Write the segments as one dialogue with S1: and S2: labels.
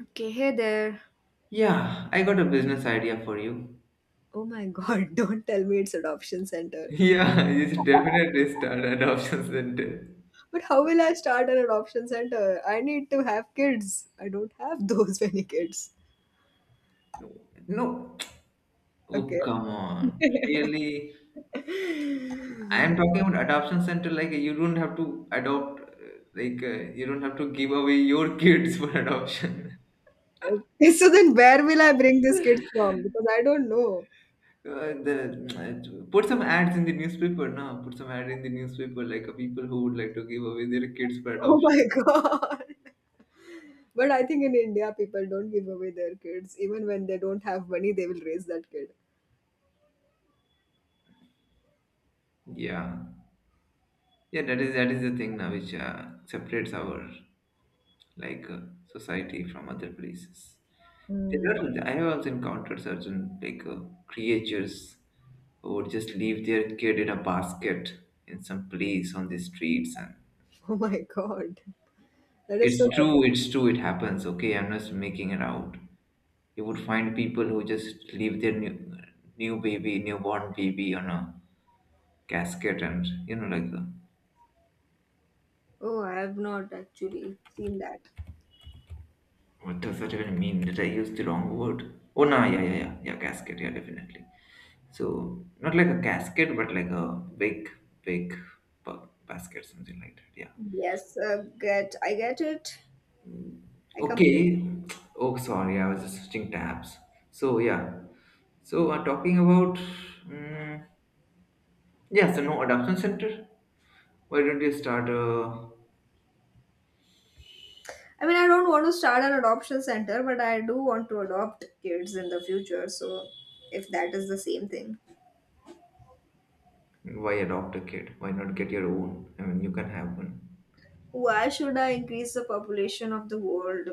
S1: Okay, hey there.
S2: Yeah, I got a business idea for you.
S1: Oh my god, don't tell me it's adoption center.
S2: Yeah, you should definitely start an adoption Center.
S1: But how will I start an adoption center? I need to have kids. I don't have those many kids.
S2: No. Oh,
S1: Okay.
S2: come on. Really? I
S1: Okay,
S2: am talking about adoption center. Like, you don't have to adopt, you don't have to give away your kids for adoption.
S1: so then where will I bring these kids from? Because I don't know.
S2: Uh, the, put some ads in the newspaper now. Put some ad in the newspaper, people who would like to give away their kids for
S1: Oh
S2: adoption.
S1: my god. But I think in India, people don't give away their kids. Even when they don't have money, they will raise that kid.
S2: Yeah. Yeah, that is the thing now which separates our like uh, society from other places. There
S1: Hmm.
S2: are, I have also encountered certain creatures who would just leave their kid in a basket in some place on the streets, and
S1: Oh my god. That is so
S2: it's true,
S1: dramatic.
S2: it's true, it happens. Okay, I'm not making it out. You would find people who just leave their new baby, newborn baby on a casket, and you know like.
S1: Oh, I have not actually seen that.
S2: What does that even mean? Did I use the wrong word? Oh, no, yeah, yeah, yeah, yeah, casket, yeah, definitely. So not like a casket, but like a big, big basket, something like that. Yeah.
S1: Yes, get I get it. I complete.
S2: Okay. Oh, sorry. I was just switching tabs. So yeah. So talking about mm yeah. So no adoption center. Why don't you start a?
S1: I mean, I don't want to start an adoption center, but I do want to adopt kids in the future. So, if that is the same thing,
S2: Why adopt a kid? Why not get your own? I mean, you can have one.
S1: why should I increase the population of the world?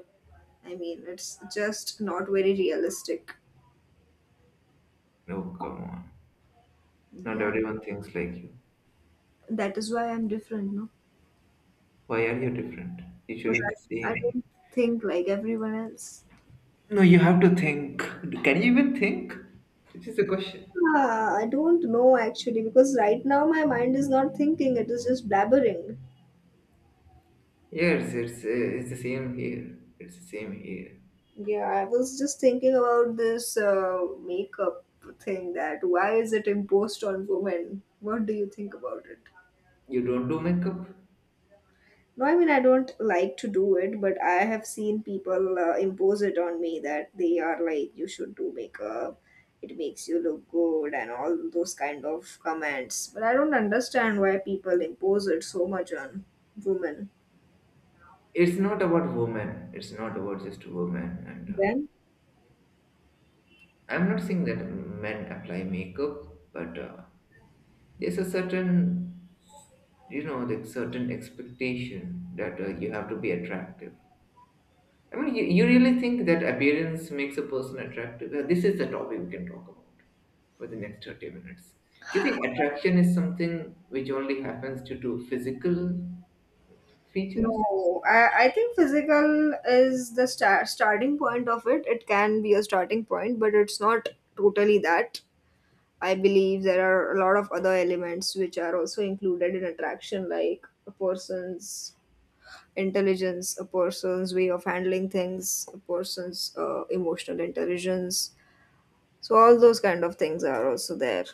S1: I mean, it's just not very realistic.
S2: No, come on. Not
S1: Yeah,
S2: everyone thinks like you.
S1: that is why I'm different, no?
S2: Why are you different? You should
S1: Because
S2: be the
S1: I
S2: same.
S1: don't think like everyone else.
S2: No, you have to think. Can you even think? Which is the question.
S1: Ah, I don't know actually, because right now my mind is not thinking, it is just blabbering.
S2: Yes, it's the same here. It's the same here.
S1: Yeah, I was just thinking about this makeup thing that why is it imposed on women? What do you think about it?
S2: You don't do makeup.
S1: No, I mean, I don't like to do it, but I have seen people impose it on me that they are like, you should do makeup, it makes you look good, and all those kind of comments. But I don't understand why people impose it so much on women.
S2: It's not about women. It's not about just women. And
S1: Then.
S2: I'm not saying that men apply makeup, but there's a certain, you know, like certain expectation that you have to be attractive. I mean, you really think that appearance makes a person attractive? This is the topic we can talk about for the next 30 minutes. You think attraction is something which only happens due to physical features?
S1: No, I think physical is the starting point of it. It can be a starting point, but it's not totally that. I believe there are a lot of other elements which are also included in attraction, like a person's intelligence, a person's way of handling things, a person's emotional intelligence. So all those kind of things are also there.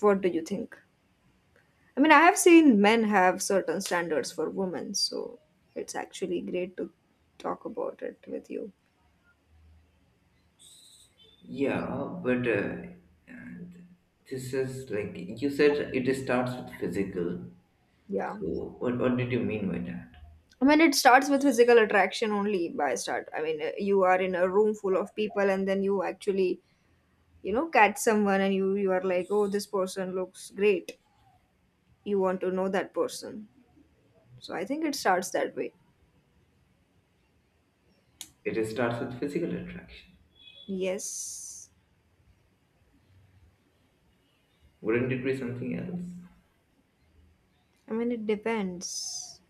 S1: What do you think? I mean, I have seen men have certain standards for women, so it's actually great to talk about it with you.
S2: Yeah, but and this is like you said it starts with physical.
S1: Yeah.
S2: So, what did you mean by that?
S1: I mean, it starts with physical attraction only by start. I mean, you are in a room full of people and then you actually, catch someone and you are like, oh, this person looks great. You want to know that person. So I think it starts that way.
S2: It starts with physical attraction.
S1: Yes.
S2: Wouldn't it be something else?
S1: I mean, it depends.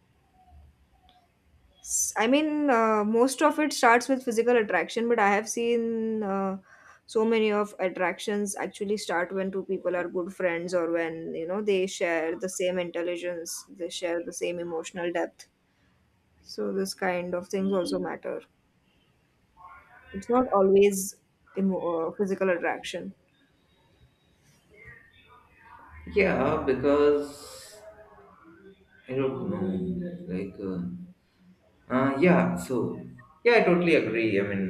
S1: I mean, most of it starts with physical attraction, but I have seen so many of attractions actually start when two people are good friends or when, they share the same intelligence, they share the same emotional depth. So this kind of things also matter. It's not always physical attraction.
S2: Yeah, because I don't know. Uh, yeah, so yeah, I totally agree. I mean,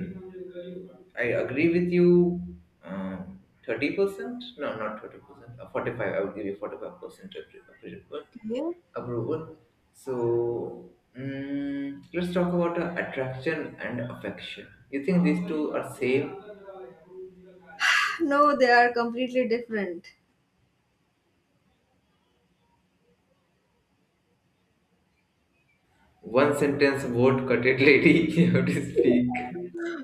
S2: I agree with you. Um, 30%? No, not 30%. 45. I would give you 45% approval.
S1: Okay.
S2: Approval. So let's talk about attraction and affection. You think these two are same?
S1: No, they are completely different.
S2: One sentence word cut it, lady. You have to speak.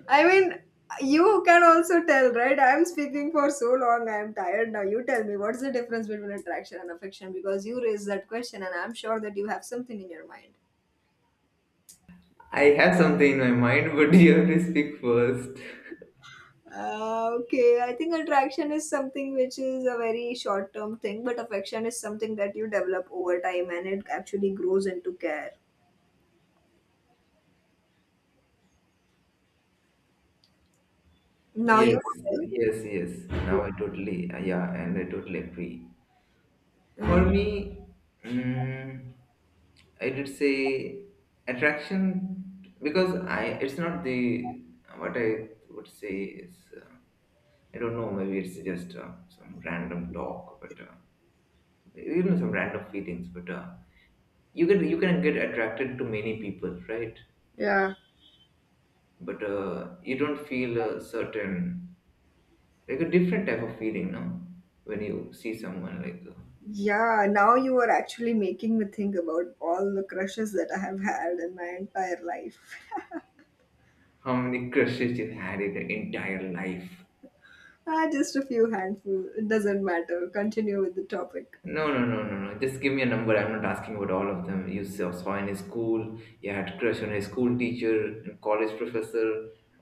S1: I mean, you can also tell, right? I'm speaking for so long, I'm tired now. You tell me, what's the difference between attraction and affection? Because you raised that question, and I'm sure that you have something in your mind.
S2: I have something in my mind, but you have to speak first.
S1: Okay, I think attraction is something which is a very short term thing, but affection is something that you develop over time and it actually grows into care. Now you.
S2: Yes, yes, yes. Now I totally agree. For
S1: Yeah.
S2: me, mm, I did say attraction because I it's not the what I would say is I don't know maybe it's just some random talk but you know some random feelings, but you can get attracted to many people, right?
S1: Yeah.
S2: But you don't feel a certain like a different type of feeling now when you see someone like
S1: Yeah, now you are actually making me think about all the crushes that I have had in my entire life.
S2: how many crushes you had in your entire life?
S1: Ah, just a few handful. It doesn't matter. Continue with the topic.
S2: No, no, no, no, no. Just give me a number. I'm not asking about all of them. You saw in school, you had crush on a school teacher, and college professor,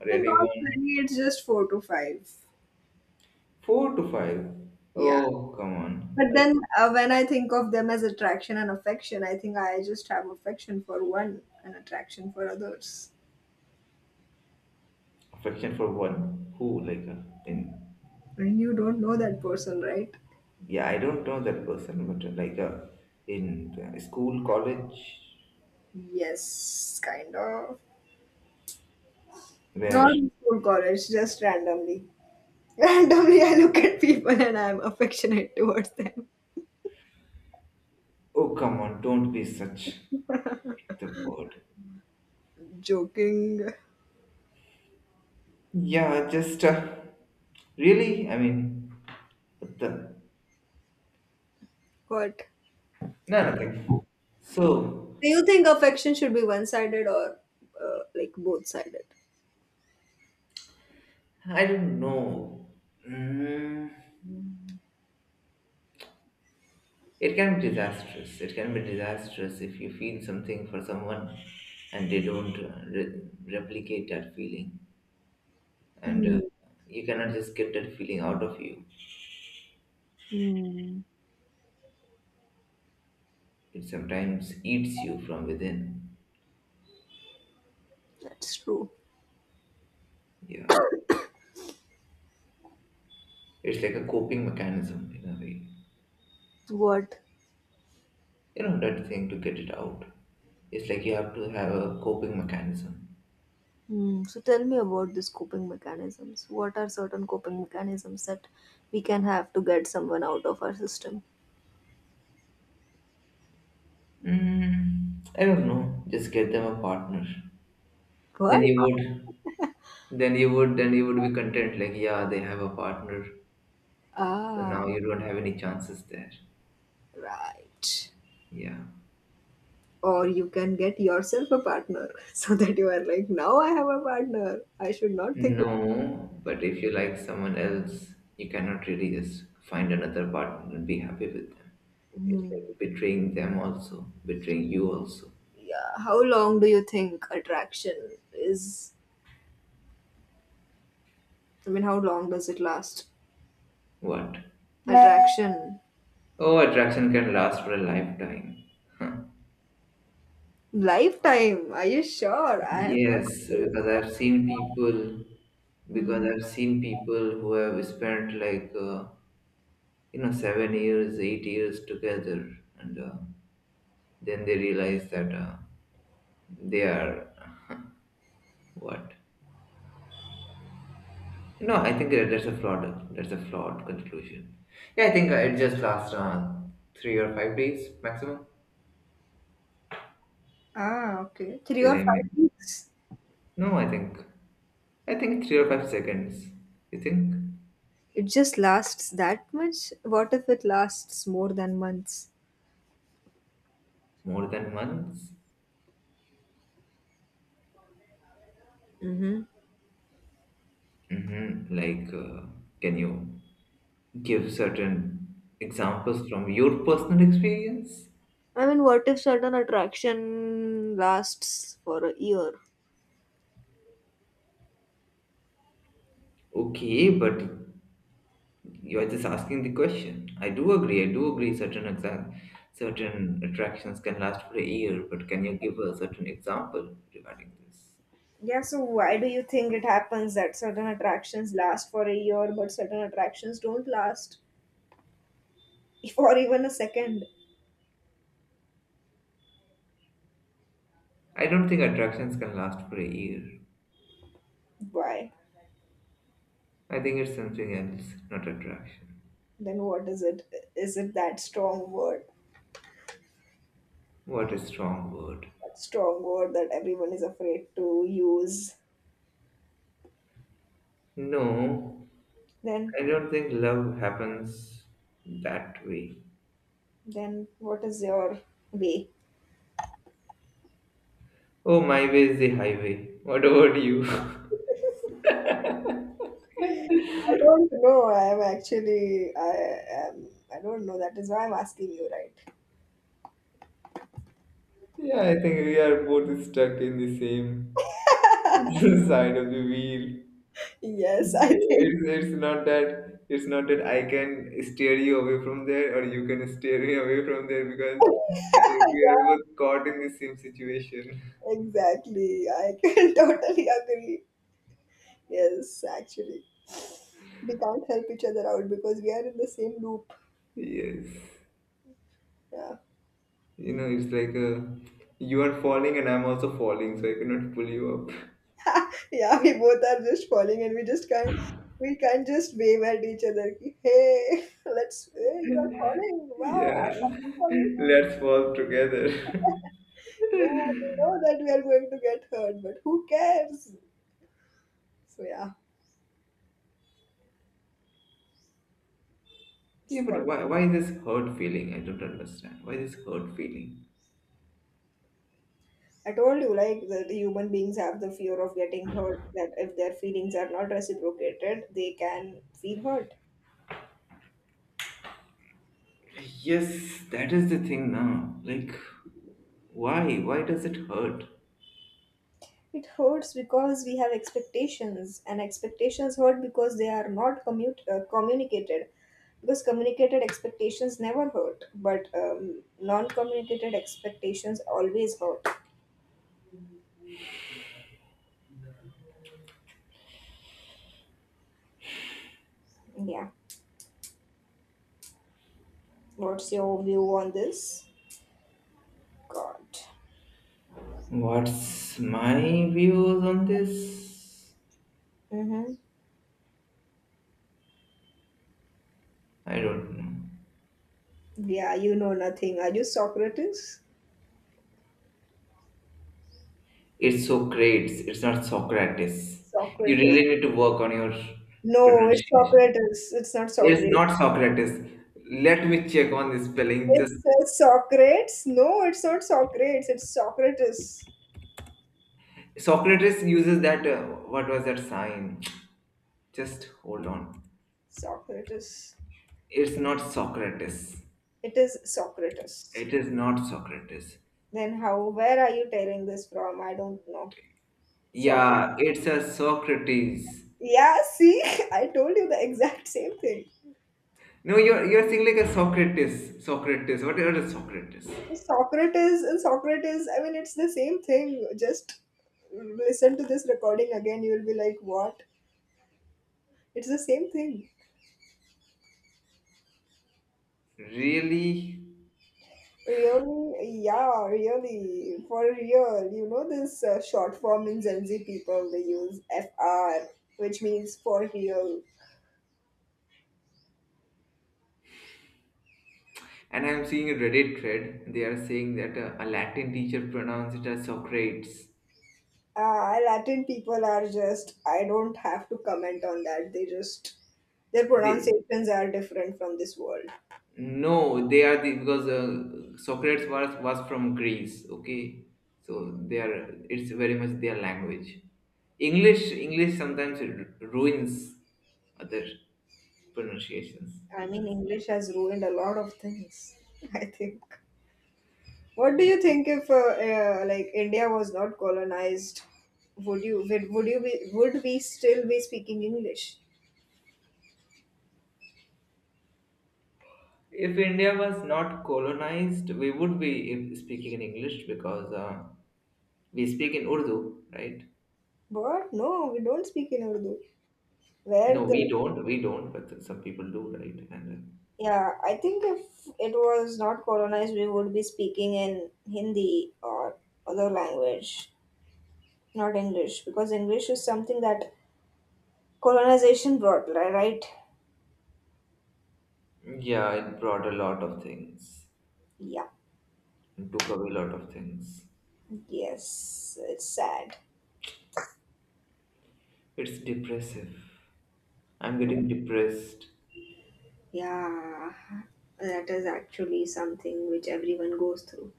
S2: or
S1: And not
S2: anyone.
S1: many, it's just four to five.
S2: Four to five.
S1: Yeah.
S2: Oh, come on.
S1: But
S2: I-
S1: then when I think of them as attraction and affection, I think I just have affection for one and attraction for others.
S2: Affection for one. Who, like, in.
S1: And you don't know that person, right?
S2: Yeah, I don't know that person, but in school, college,
S1: Yes, kind of.
S2: where.
S1: Not in school, college, just randomly. Randomly, I look at people and I'm affectionate towards them.
S2: Oh, come on. Don't be such the word.
S1: Joking.
S2: Yeah, just. Really? I mean, what the.
S1: What?
S2: No, nothing. So,
S1: Do you think affection should be one-sided or like both-sided?
S2: I don't know. Mm, it can be disastrous. It can be disastrous if you feel something for someone and they don't replicate that feeling. And
S1: Hmm.
S2: you cannot just get that feeling out of you.
S1: Hmm.
S2: It sometimes eats you from within.
S1: That's true.
S2: Yeah. It's like a coping mechanism in a way.
S1: What?
S2: You know, that thing to get it out. It's like you have to have a coping mechanism.
S1: Hmm. So tell me about these coping mechanisms. What are certain coping mechanisms that we can have to get someone out of our system?
S2: I don't know. Just get them a partner.
S1: What?
S2: Then you would, then you would, then you would be content. Like, yeah, they have a partner, so
S1: Ah,
S2: now you don't have any chances there.
S1: right.
S2: Yeah.
S1: Or you can get yourself a partner so that you are like, now I have a partner. I should not think about it.
S2: No, but if you like someone else, you cannot really just find another partner and be happy with them. It's
S1: Hmm.
S2: like betraying them also, betraying you also.
S1: Yeah. How long do you think attraction is I mean, how long does it last?
S2: What?
S1: Attraction.
S2: Oh, attraction can last for a lifetime. Huh.
S1: Lifetime. Are you sure? I have
S2: Yes,
S1: not.
S2: because
S1: Hmm.
S2: I've seen people who have spent like you know 7 years 8 years together and then they realize that they are what? No, I think that that's a flawed conclusion. Yeah, I think it just lasts 3 or 5 days maximum.
S1: Ah, okay. Three
S2: Did
S1: or
S2: I
S1: five
S2: mean,
S1: weeks.
S2: no, I think 3 or 5 seconds, you think?
S1: It just lasts that much? What if it lasts more than months?
S2: More than months.
S1: Mm-hmm.
S2: Mm-hmm. like uh, can you give certain examples from your personal experience?
S1: I mean, what if certain attraction lasts for a year?
S2: Okay, but you are just asking the question. I do agree. I do agree. Certain attractions can last for a year, but can you give a certain example regarding this?
S1: Yeah, so why do you think it happens that certain attractions last for a year but certain attractions don't last for even a second?
S2: I don't think attractions can last for a year.
S1: Why?
S2: I think it's something else, not attraction.
S1: Then what is it? Is it that strong word?
S2: What a strong word.
S1: That strong word that everyone is afraid to use.
S2: No,
S1: Then
S2: I don't think love happens that way.
S1: then what is your way?
S2: Oh, my way is the highway. What about you?
S1: I don't know. I'm actually I am I don't know. That is why I'm asking you, right?
S2: yeah, I think we are both stuck in the same side of the wheel.
S1: Yes, I think.
S2: It's not that I can steer you away from there or you can steer me away from there because I think we are both caught in the same situation.
S1: Exactly. I can totally agree. Yes, actually. We can't help each other out because we are in the same loop.
S2: Yes.
S1: Yeah.
S2: You know, you are falling and I'm also falling, so I cannot pull you up.
S1: Yeah, we both are just falling and we can't just wave at each other, ki, hey, let's, hey, you are falling, wow,
S2: Yeah.
S1: I'm falling.
S2: Let's fall together.
S1: Yeah, we know that we are going to get hurt, but who cares. So yeah, it's
S2: Yeah, but
S1: called.
S2: why this hurt feeling? I don't understand. Why this hurt feeling?
S1: I told you like that the human beings have the fear of getting hurt, that if their feelings are not reciprocated they can feel hurt.
S2: Yes, that is the thing now. Like why? Why does it hurt?
S1: It hurts because we have expectations, and expectations hurt because they are not communicated. Because communicated expectations never hurt, but non communicated expectations always hurt. Yeah. What's your view on this? God.
S2: What's my views on this?
S1: Mm-hmm.
S2: I don't know.
S1: Yeah, you know nothing. Are you Socrates?
S2: It's Socrates, it's not Socrates. You
S1: Socrates.
S2: really need to work on your
S1: No, it's
S2: pronunciation.
S1: Socrates. It's not
S2: It's
S1: Socrates.
S2: not Socrates. Let me check on the spelling. Just
S1: It's Socrates. No, it's not Socrates. It's Socrates.
S2: Socrates uses that. What was that sign? Just hold on.
S1: Socrates. I
S2: It's
S1: think
S2: not Socrates.
S1: it is Socrates.
S2: It is not Socrates.
S1: Then how? Where are you tearing this from? I don't know. Socrates.
S2: Yeah, it's a Socrates.
S1: Yeah, see, I told you the exact same thing.
S2: No, you're saying like a Socrates. Socrates. What is Socrates?
S1: So Socrates and Socrates. I mean, it's the same thing. Just listen to this recording again. You'll be like, what? It's the same thing.
S2: Really?
S1: Really? Yeah, really. For real. You know this short form in Gen Z people. They use FR, which means for real.
S2: And I'm seeing a Reddit thread. They are saying that a Latin teacher pronounced it as Socrates.
S1: Ah, Latin people are just, I don't have to comment on that. They just, their
S2: They,
S1: pronunciations are different from this world.
S2: no, they are the because Socrates was from Greece. Okay, so they are. It's very much their language. English sometimes ruins other pronunciations.
S1: I
S2: You
S1: mean,
S2: can. Say.
S1: English has ruined a lot of things, I think. What do you think if, like, India was not colonized? Would you be, would we still be speaking English?
S2: If India was not colonized, we would be speaking in English because we speak in Urdu, right?
S1: But no, we don't speak in Urdu.
S2: No,
S1: Where
S2: we
S1: the,
S2: don't. We don't, but some people do, right? And
S1: yeah, I think if it was not colonized, we would be speaking in Hindi or other language. Not English, because English is something that colonization brought, li- right?
S2: yeah, it brought a lot of things
S1: Yeah.
S2: and took away a lot of things.
S1: Yes, it's sad.
S2: It's depressive. I'm getting depressed.
S1: Yeah, that is actually something which everyone goes through.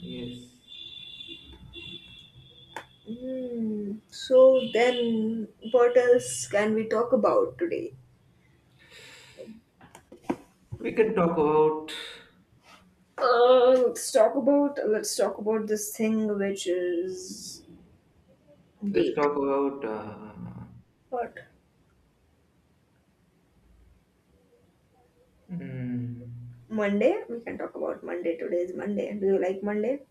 S2: Yes.
S1: So then, what else can we talk about today?
S2: We can talk about.
S1: Let's talk about this thing which is
S2: Let's
S1: date.
S2: talk about.
S1: What?
S2: Mm,
S1: Monday? We can talk about Monday. Today is Monday. Do you like Monday?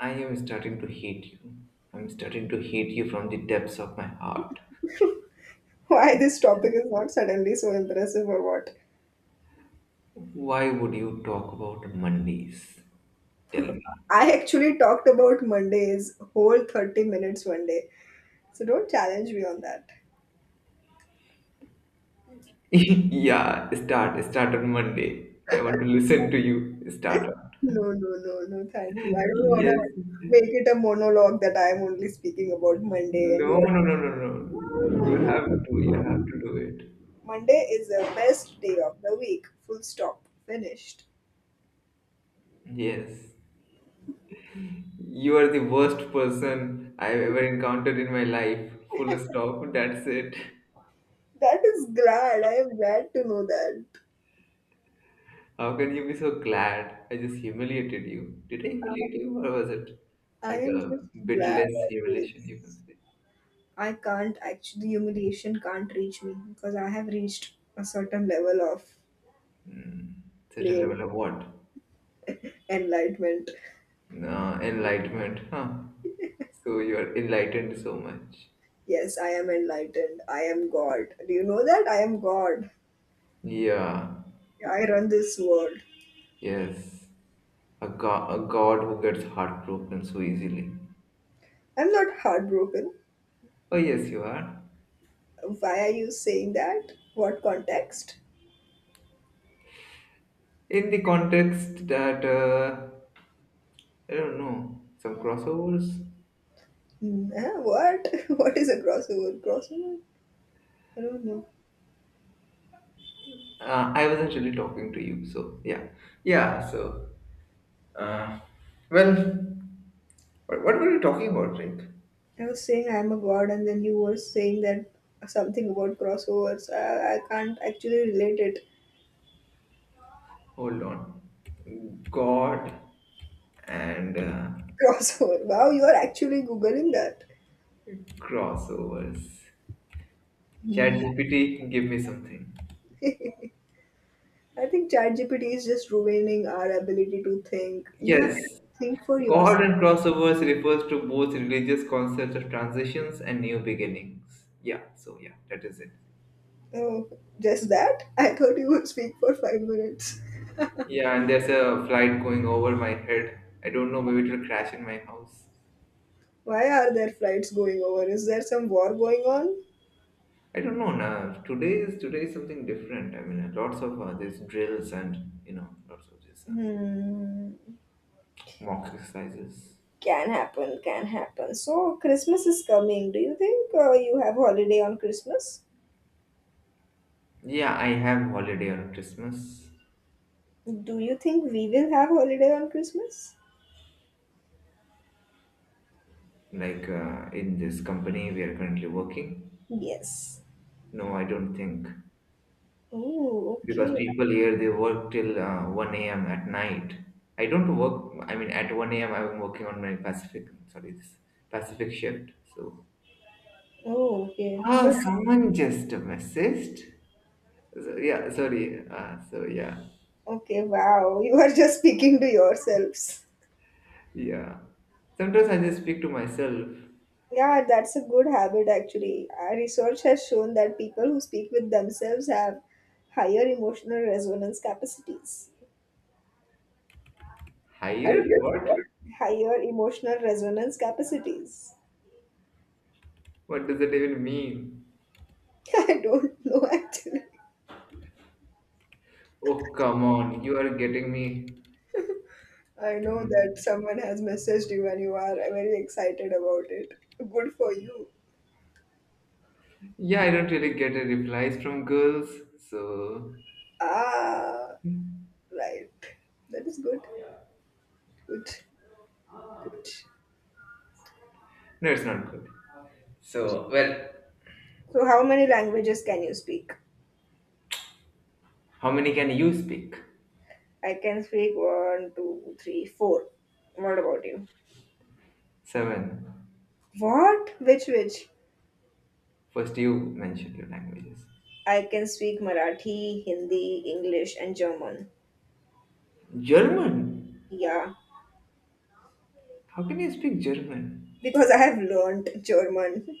S2: I am starting to hate you. I'm starting to hate you from the depths of my heart.
S1: Why this topic is not suddenly so impressive or what?
S2: Why would you talk about Mondays? Tell me.
S1: I actually talked about Mondays whole 30 minutes one day. So don't challenge me on that.
S2: Yeah, start on Monday. I want to listen to you. Start on.
S1: No, no, no, no, thank you. I don't want to
S2: Yes.
S1: make it a monologue that I am only speaking about Monday and you
S2: No,
S1: are-
S2: no, no, no, no. You have to do it.
S1: Monday is the best day of the week. Full stop. Finished.
S2: Yes. You are the worst person I've ever encountered in my life. Full stop. That's it.
S1: That is glad. I am glad to know that.
S2: How can you be so glad? I just humiliated you. Did I humiliate you, or was it
S1: I
S2: like
S1: am
S2: a
S1: just
S2: bit
S1: glad
S2: less
S1: of
S2: humiliation, you can
S1: this.
S2: say?
S1: I can't actually, the humiliation can't reach me because I have reached a certain level of
S2: Certain
S1: playing
S2: level of what?
S1: enlightenment.
S2: Nah, enlightenment, huh? So you are enlightened so much.
S1: Yes, I am enlightened. I am God. Do you know that? I am God.
S2: Yeah,
S1: I run this world.
S2: yes. A god who gets heartbroken so easily.
S1: I'm not heartbroken.
S2: Oh, yes, you are.
S1: Why are you saying that? What context?
S2: In the context that, I don't know, some crossovers?
S1: Hmm, huh? What? What is a crossover? Crossover? I don't know.
S2: I was actually talking to you, so yeah. Yeah, so, uh, well, what were you talking about, Rick?
S1: I was saying I am a god, and then you were saying that something about crossovers. I can't actually relate it.
S2: Hold on. God and
S1: Crossover. Wow, you are actually Googling that.
S2: crossovers.
S1: Hmm.
S2: ChatGPT, give me something.
S1: I think ChatGPT is just ruining our ability to think. You have to
S2: Yes,
S1: think for yourself.
S2: God and crossovers refers to both religious concepts of transitions and new beginnings. Yeah, so yeah, that is it.
S1: Oh, just that? I thought you would speak for 5 minutes.
S2: Yeah, and there's a flight going over my head. I don't know, maybe it'll crash in my house.
S1: Why are there flights going over? Is there some war going on?
S2: I don't know. Nah, today is something different. I mean, lots of these drills and you know, lots of these
S1: Hmm.
S2: mock exercises.
S1: Can happen, can happen. So, Christmas is coming. Do you think you have holiday on Christmas?
S2: Yeah, I have holiday on Christmas.
S1: Do you think we will have holiday on Christmas?
S2: In this company we are currently working.
S1: Yes.
S2: No, I don't think
S1: Oh,
S2: because
S1: okay.
S2: people here they work till 1 a.m. at night. I don't work. I mean, at 1 a.m. I'm working on my Pacific. Sorry, this Pacific shift. So
S1: Oh, okay. But.
S2: ah, someone just messaged. So, yeah, sorry. So yeah,
S1: Okay, wow. You are just speaking to yourselves.
S2: yeah. Sometimes I just speak to myself.
S1: Yeah, that's a good habit actually. Our research has shown that people who speak with themselves have higher emotional resonance capacities.
S2: Higher?
S1: Higher what?
S2: What?
S1: Higher emotional resonance capacities.
S2: What does it even mean?
S1: I don't know actually.
S2: Oh come on! You are getting me.
S1: I
S2: I
S1: know that
S2: don't.
S1: someone has messaged you and you are very excited about it. Good for you.
S2: Yeah, I don't really get a replies from girls, so
S1: Ah, right. That is good. Good. Good.
S2: no, it's not good. So, well,
S1: So, how many languages can you speak?
S2: how many can you speak?
S1: I can speak one, two, three, four. What about you?
S2: Seven.
S1: What? Which?
S2: First, you mentioned your languages.
S1: I can speak Marathi, Hindi, English, and German.
S2: German.
S1: Yeah,
S2: How can you speak German?
S1: because I have learned German.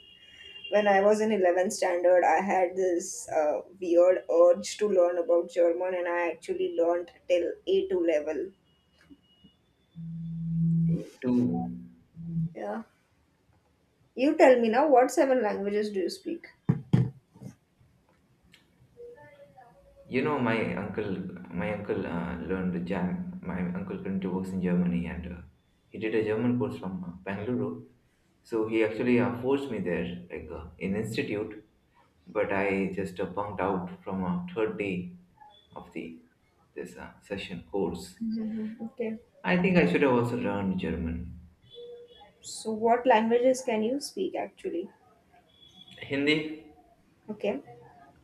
S1: When I was in 11th standard, I had this weird urge to learn about German, and I actually learned till A2 level.
S2: Two.
S1: Yeah. You tell me now, what seven languages do you speak?
S2: You know, my uncle learned German. My uncle currently works in Germany, and he did a German course from Bangalore. So he actually forced me there, in institute. But I just bunked out from third day of the this session course.
S1: Mhm. Okay.
S2: I think I should have also learned German.
S1: So, what languages can you speak actually?
S2: Hindi,
S1: Okay.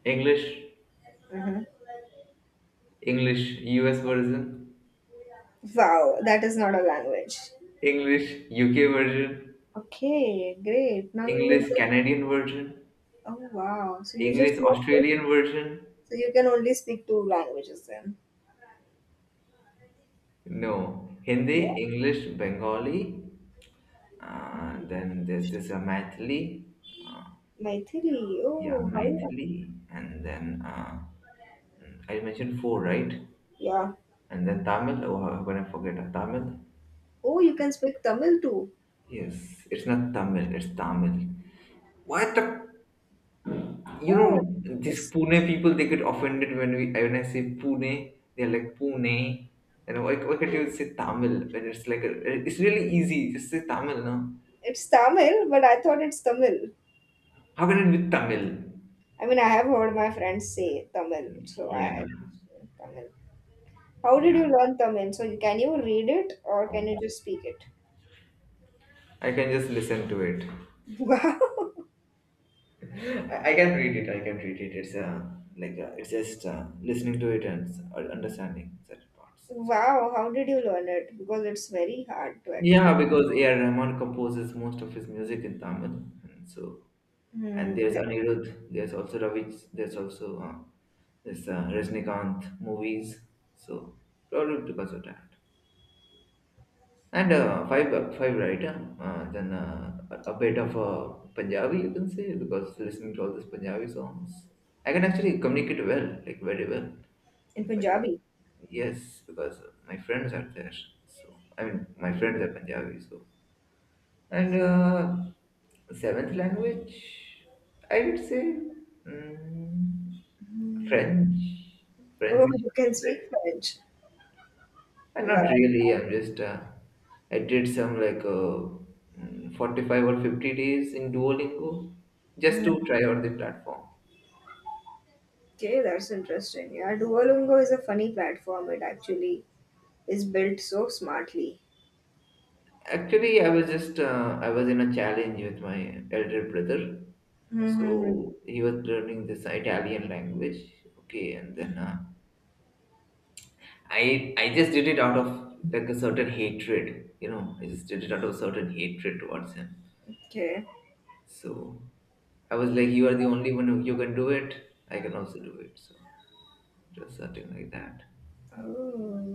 S2: English,
S1: Mm-hmm.
S2: English US version,
S1: Wow, that is not a language.
S2: English UK version,
S1: Okay, great. Now you will
S2: English
S1: just,
S2: Canadian version,
S1: oh wow. So you just
S2: English
S1: know,
S2: Australian
S1: so
S2: version.
S1: you can only speak two languages then.
S2: No,
S1: Yeah.
S2: Hindi, English, Bengali, then there's this Maithili,
S1: Maithili.
S2: yeah,
S1: Oh, how?
S2: Maithili, and then I mentioned four, right?
S1: Yeah.
S2: And then Tamil, oh, how can I forget? Tamil?
S1: Oh, you can speak Tamil too.
S2: Yes, it's not Tamil, it's Tamil. What the, you
S1: Oh,
S2: know, these
S1: it's
S2: Pune people, they get offended when we when I say Pune, they're like Pune. And why can't you say Tamil when it's like, a, it's really easy, just say Tamil, no?
S1: it's Tamil, but I thought it's Tamil.
S2: How can it be Tamil?
S1: I mean, I have heard my friends say Tamil, so
S2: Yeah.
S1: I Tamil. How did
S2: Yeah,
S1: you learn Tamil? So can you read it or can you just speak it?
S2: I can just listen to it.
S1: Wow.
S2: I can read it. I can read it. It's it's just listening to it and understanding certain parts. So
S1: Wow, how did you learn it? Because it's very hard to actually.
S2: yeah, because A. R. Rahman composes most of his music in Tamil, and so and
S1: Hmm.
S2: there's
S1: Yeah.
S2: Anirudh. There's also Ravi. There's also this Rajnikant movies. So probably because of that. And five, right? Huh? Then a bit of Punjabi, you can say, because listening to all these Punjabi songs, I can actually communicate well, like very well
S1: In
S2: in Punjabi.
S1: Punjabi.
S2: Yes, because my friends are there. So I mean, my friends are Punjabi. So and seventh language, I would say mm,
S1: Hmm.
S2: French.
S1: Oh,
S2: French,
S1: you can
S2: but
S1: speak French.
S2: not
S1: Wow.
S2: really. I'm just I did some 45 or 50 days in Duolingo just
S1: Hmm.
S2: to try out the platform.
S1: Okay, that's interesting. Yeah, Duolingo is a funny platform. It actually is built so smartly.
S2: Actually, I was just I was in a challenge with my elder brother,
S1: Mm-hmm.
S2: so he was learning this Italian language. Okay, and then I just did it out of like a certain hatred, you know. I just did it out of certain hatred towards him.
S1: Okay.
S2: So I was like, you are the only one who you can do it. I can also do it. So. Just something like that.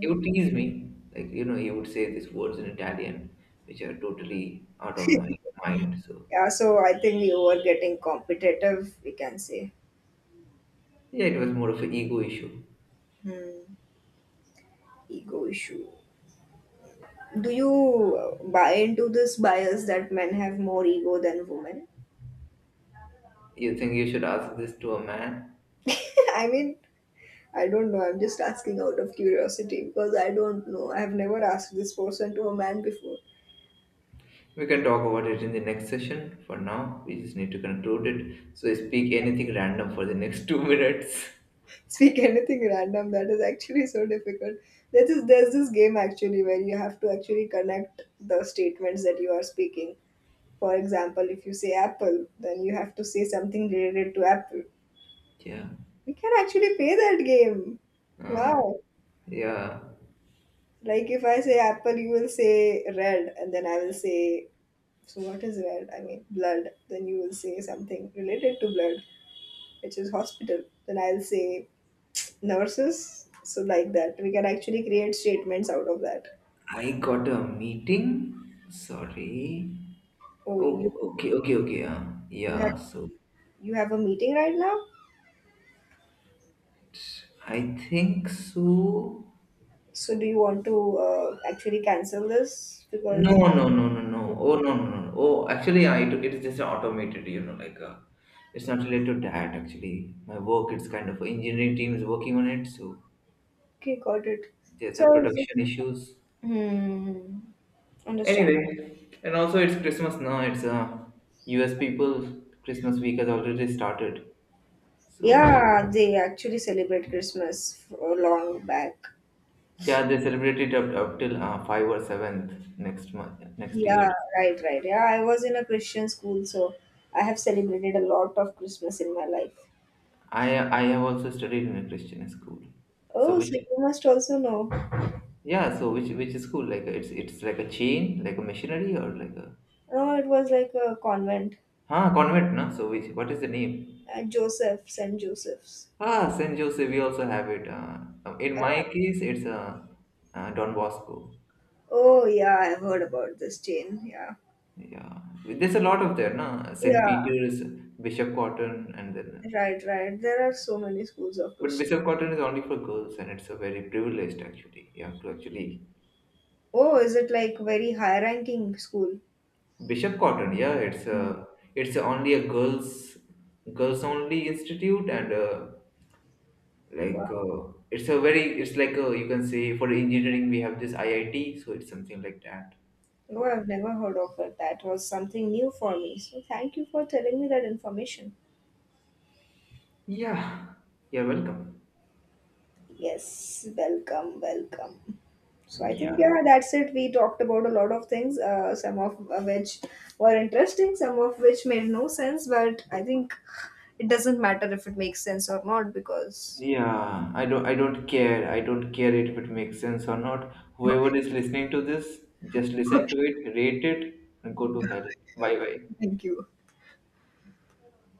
S2: He would tease me, like you know, he would say these words in Italian, which are totally out of my mind. So
S1: Yeah, so I think you were getting competitive, we can say.
S2: yeah, it was more of an ego issue.
S1: Hmm. Ego issue. Do you buy into this bias that men have more ego than women?
S2: You think you should ask this to a man?
S1: I mean, I don't know. I'm just asking out of curiosity because I don't know. I have never asked this person to a man before.
S2: We can talk about it in the next session. For now, we just need to conclude it. So speak anything random for the next 2 minutes.
S1: Speak anything random. That is actually so difficult. There's this game actually where you have to actually connect the statements that you are speaking. For example, if you say apple, then you have to say something related to apple.
S2: Yeah.
S1: We can actually play that game.
S2: Uh,
S1: Wow.
S2: yeah.
S1: Like if I say apple, you will say red, and then I will say, so, what is red? I mean, blood. Then you will say something related to blood, which is hospital. Then I'll say nurses. So, like that, we can actually create statements out of that.
S2: I got a meeting. Sorry.
S1: Oh,
S2: Oh, okay, okay, okay. Yeah,
S1: you
S2: yeah.
S1: have
S2: So
S1: you have a meeting right now.
S2: I think so.
S1: So, do you want to actually cancel this?
S2: No,
S1: Because
S2: no, no, no, no. Oh, no, no, no, no. Oh, actually, I took it is just automated, you know, it's not related to that. Actually, my work it's kind of engineering team is working on it, so
S1: okay, got it.
S2: there's
S1: So, I
S2: some
S1: was just-
S2: production issues.
S1: hmm, understand.
S2: Anyway, and also it's Christmas now. It's U.S. people Christmas week has already started, so
S1: Yeah, they actually celebrate Christmas for long back.
S2: yeah, they celebrate it up, up till five or seventh next month, next
S1: Yeah,
S2: year.
S1: right, right. Yeah, I was in a Christian school, so I have celebrated a lot of Christmas in my life.
S2: I I have also studied in a Christian school, so
S1: Oh, so
S2: which
S1: you must also know.
S2: yeah, so which is cool. Like it's like a chain, like a machinery or like a
S1: Oh, it was like a convent
S2: convent, no? So which what is the name?
S1: at Joseph, St. Joseph's.
S2: Ah, Saint Joseph. We also have it. In my
S1: Yeah.
S2: case, it's a Don Bosco.
S1: Oh, yeah, I've heard about this chain. Yeah.
S2: Yeah, there's a lot of there, no? Saint
S1: Yeah,
S2: Peter's, Bishop Cotton, and then
S1: right, right. There are so many schools of
S2: but
S1: Christian.
S2: Bishop Cotton is only for girls, and it's a very privileged actually. You have to actually
S1: Oh, is it like very high-ranking school?
S2: Bishop Cotton. Yeah, it's a it's only a girls only institute and.
S1: Wow.
S2: It's a very it's you can say for engineering we have this IIT so it's something like that
S1: Oh,
S2: for
S1: I've never heard of it. That was something new for me. So thank you for telling me that information.
S2: yeah you're welcome
S1: Yes, welcome, welcome. So I
S2: yeah
S1: think yeah, that's it. We talked about a lot of things, some of which were interesting, some of which made no sense. But I think it doesn't matter if it makes sense or not because.
S2: yeah I don't care I don't care if it makes sense or not whoever is listening to this just listen
S1: Okay,
S2: to it rate it and go to hell bye
S1: okay.
S2: bye
S1: Thank you.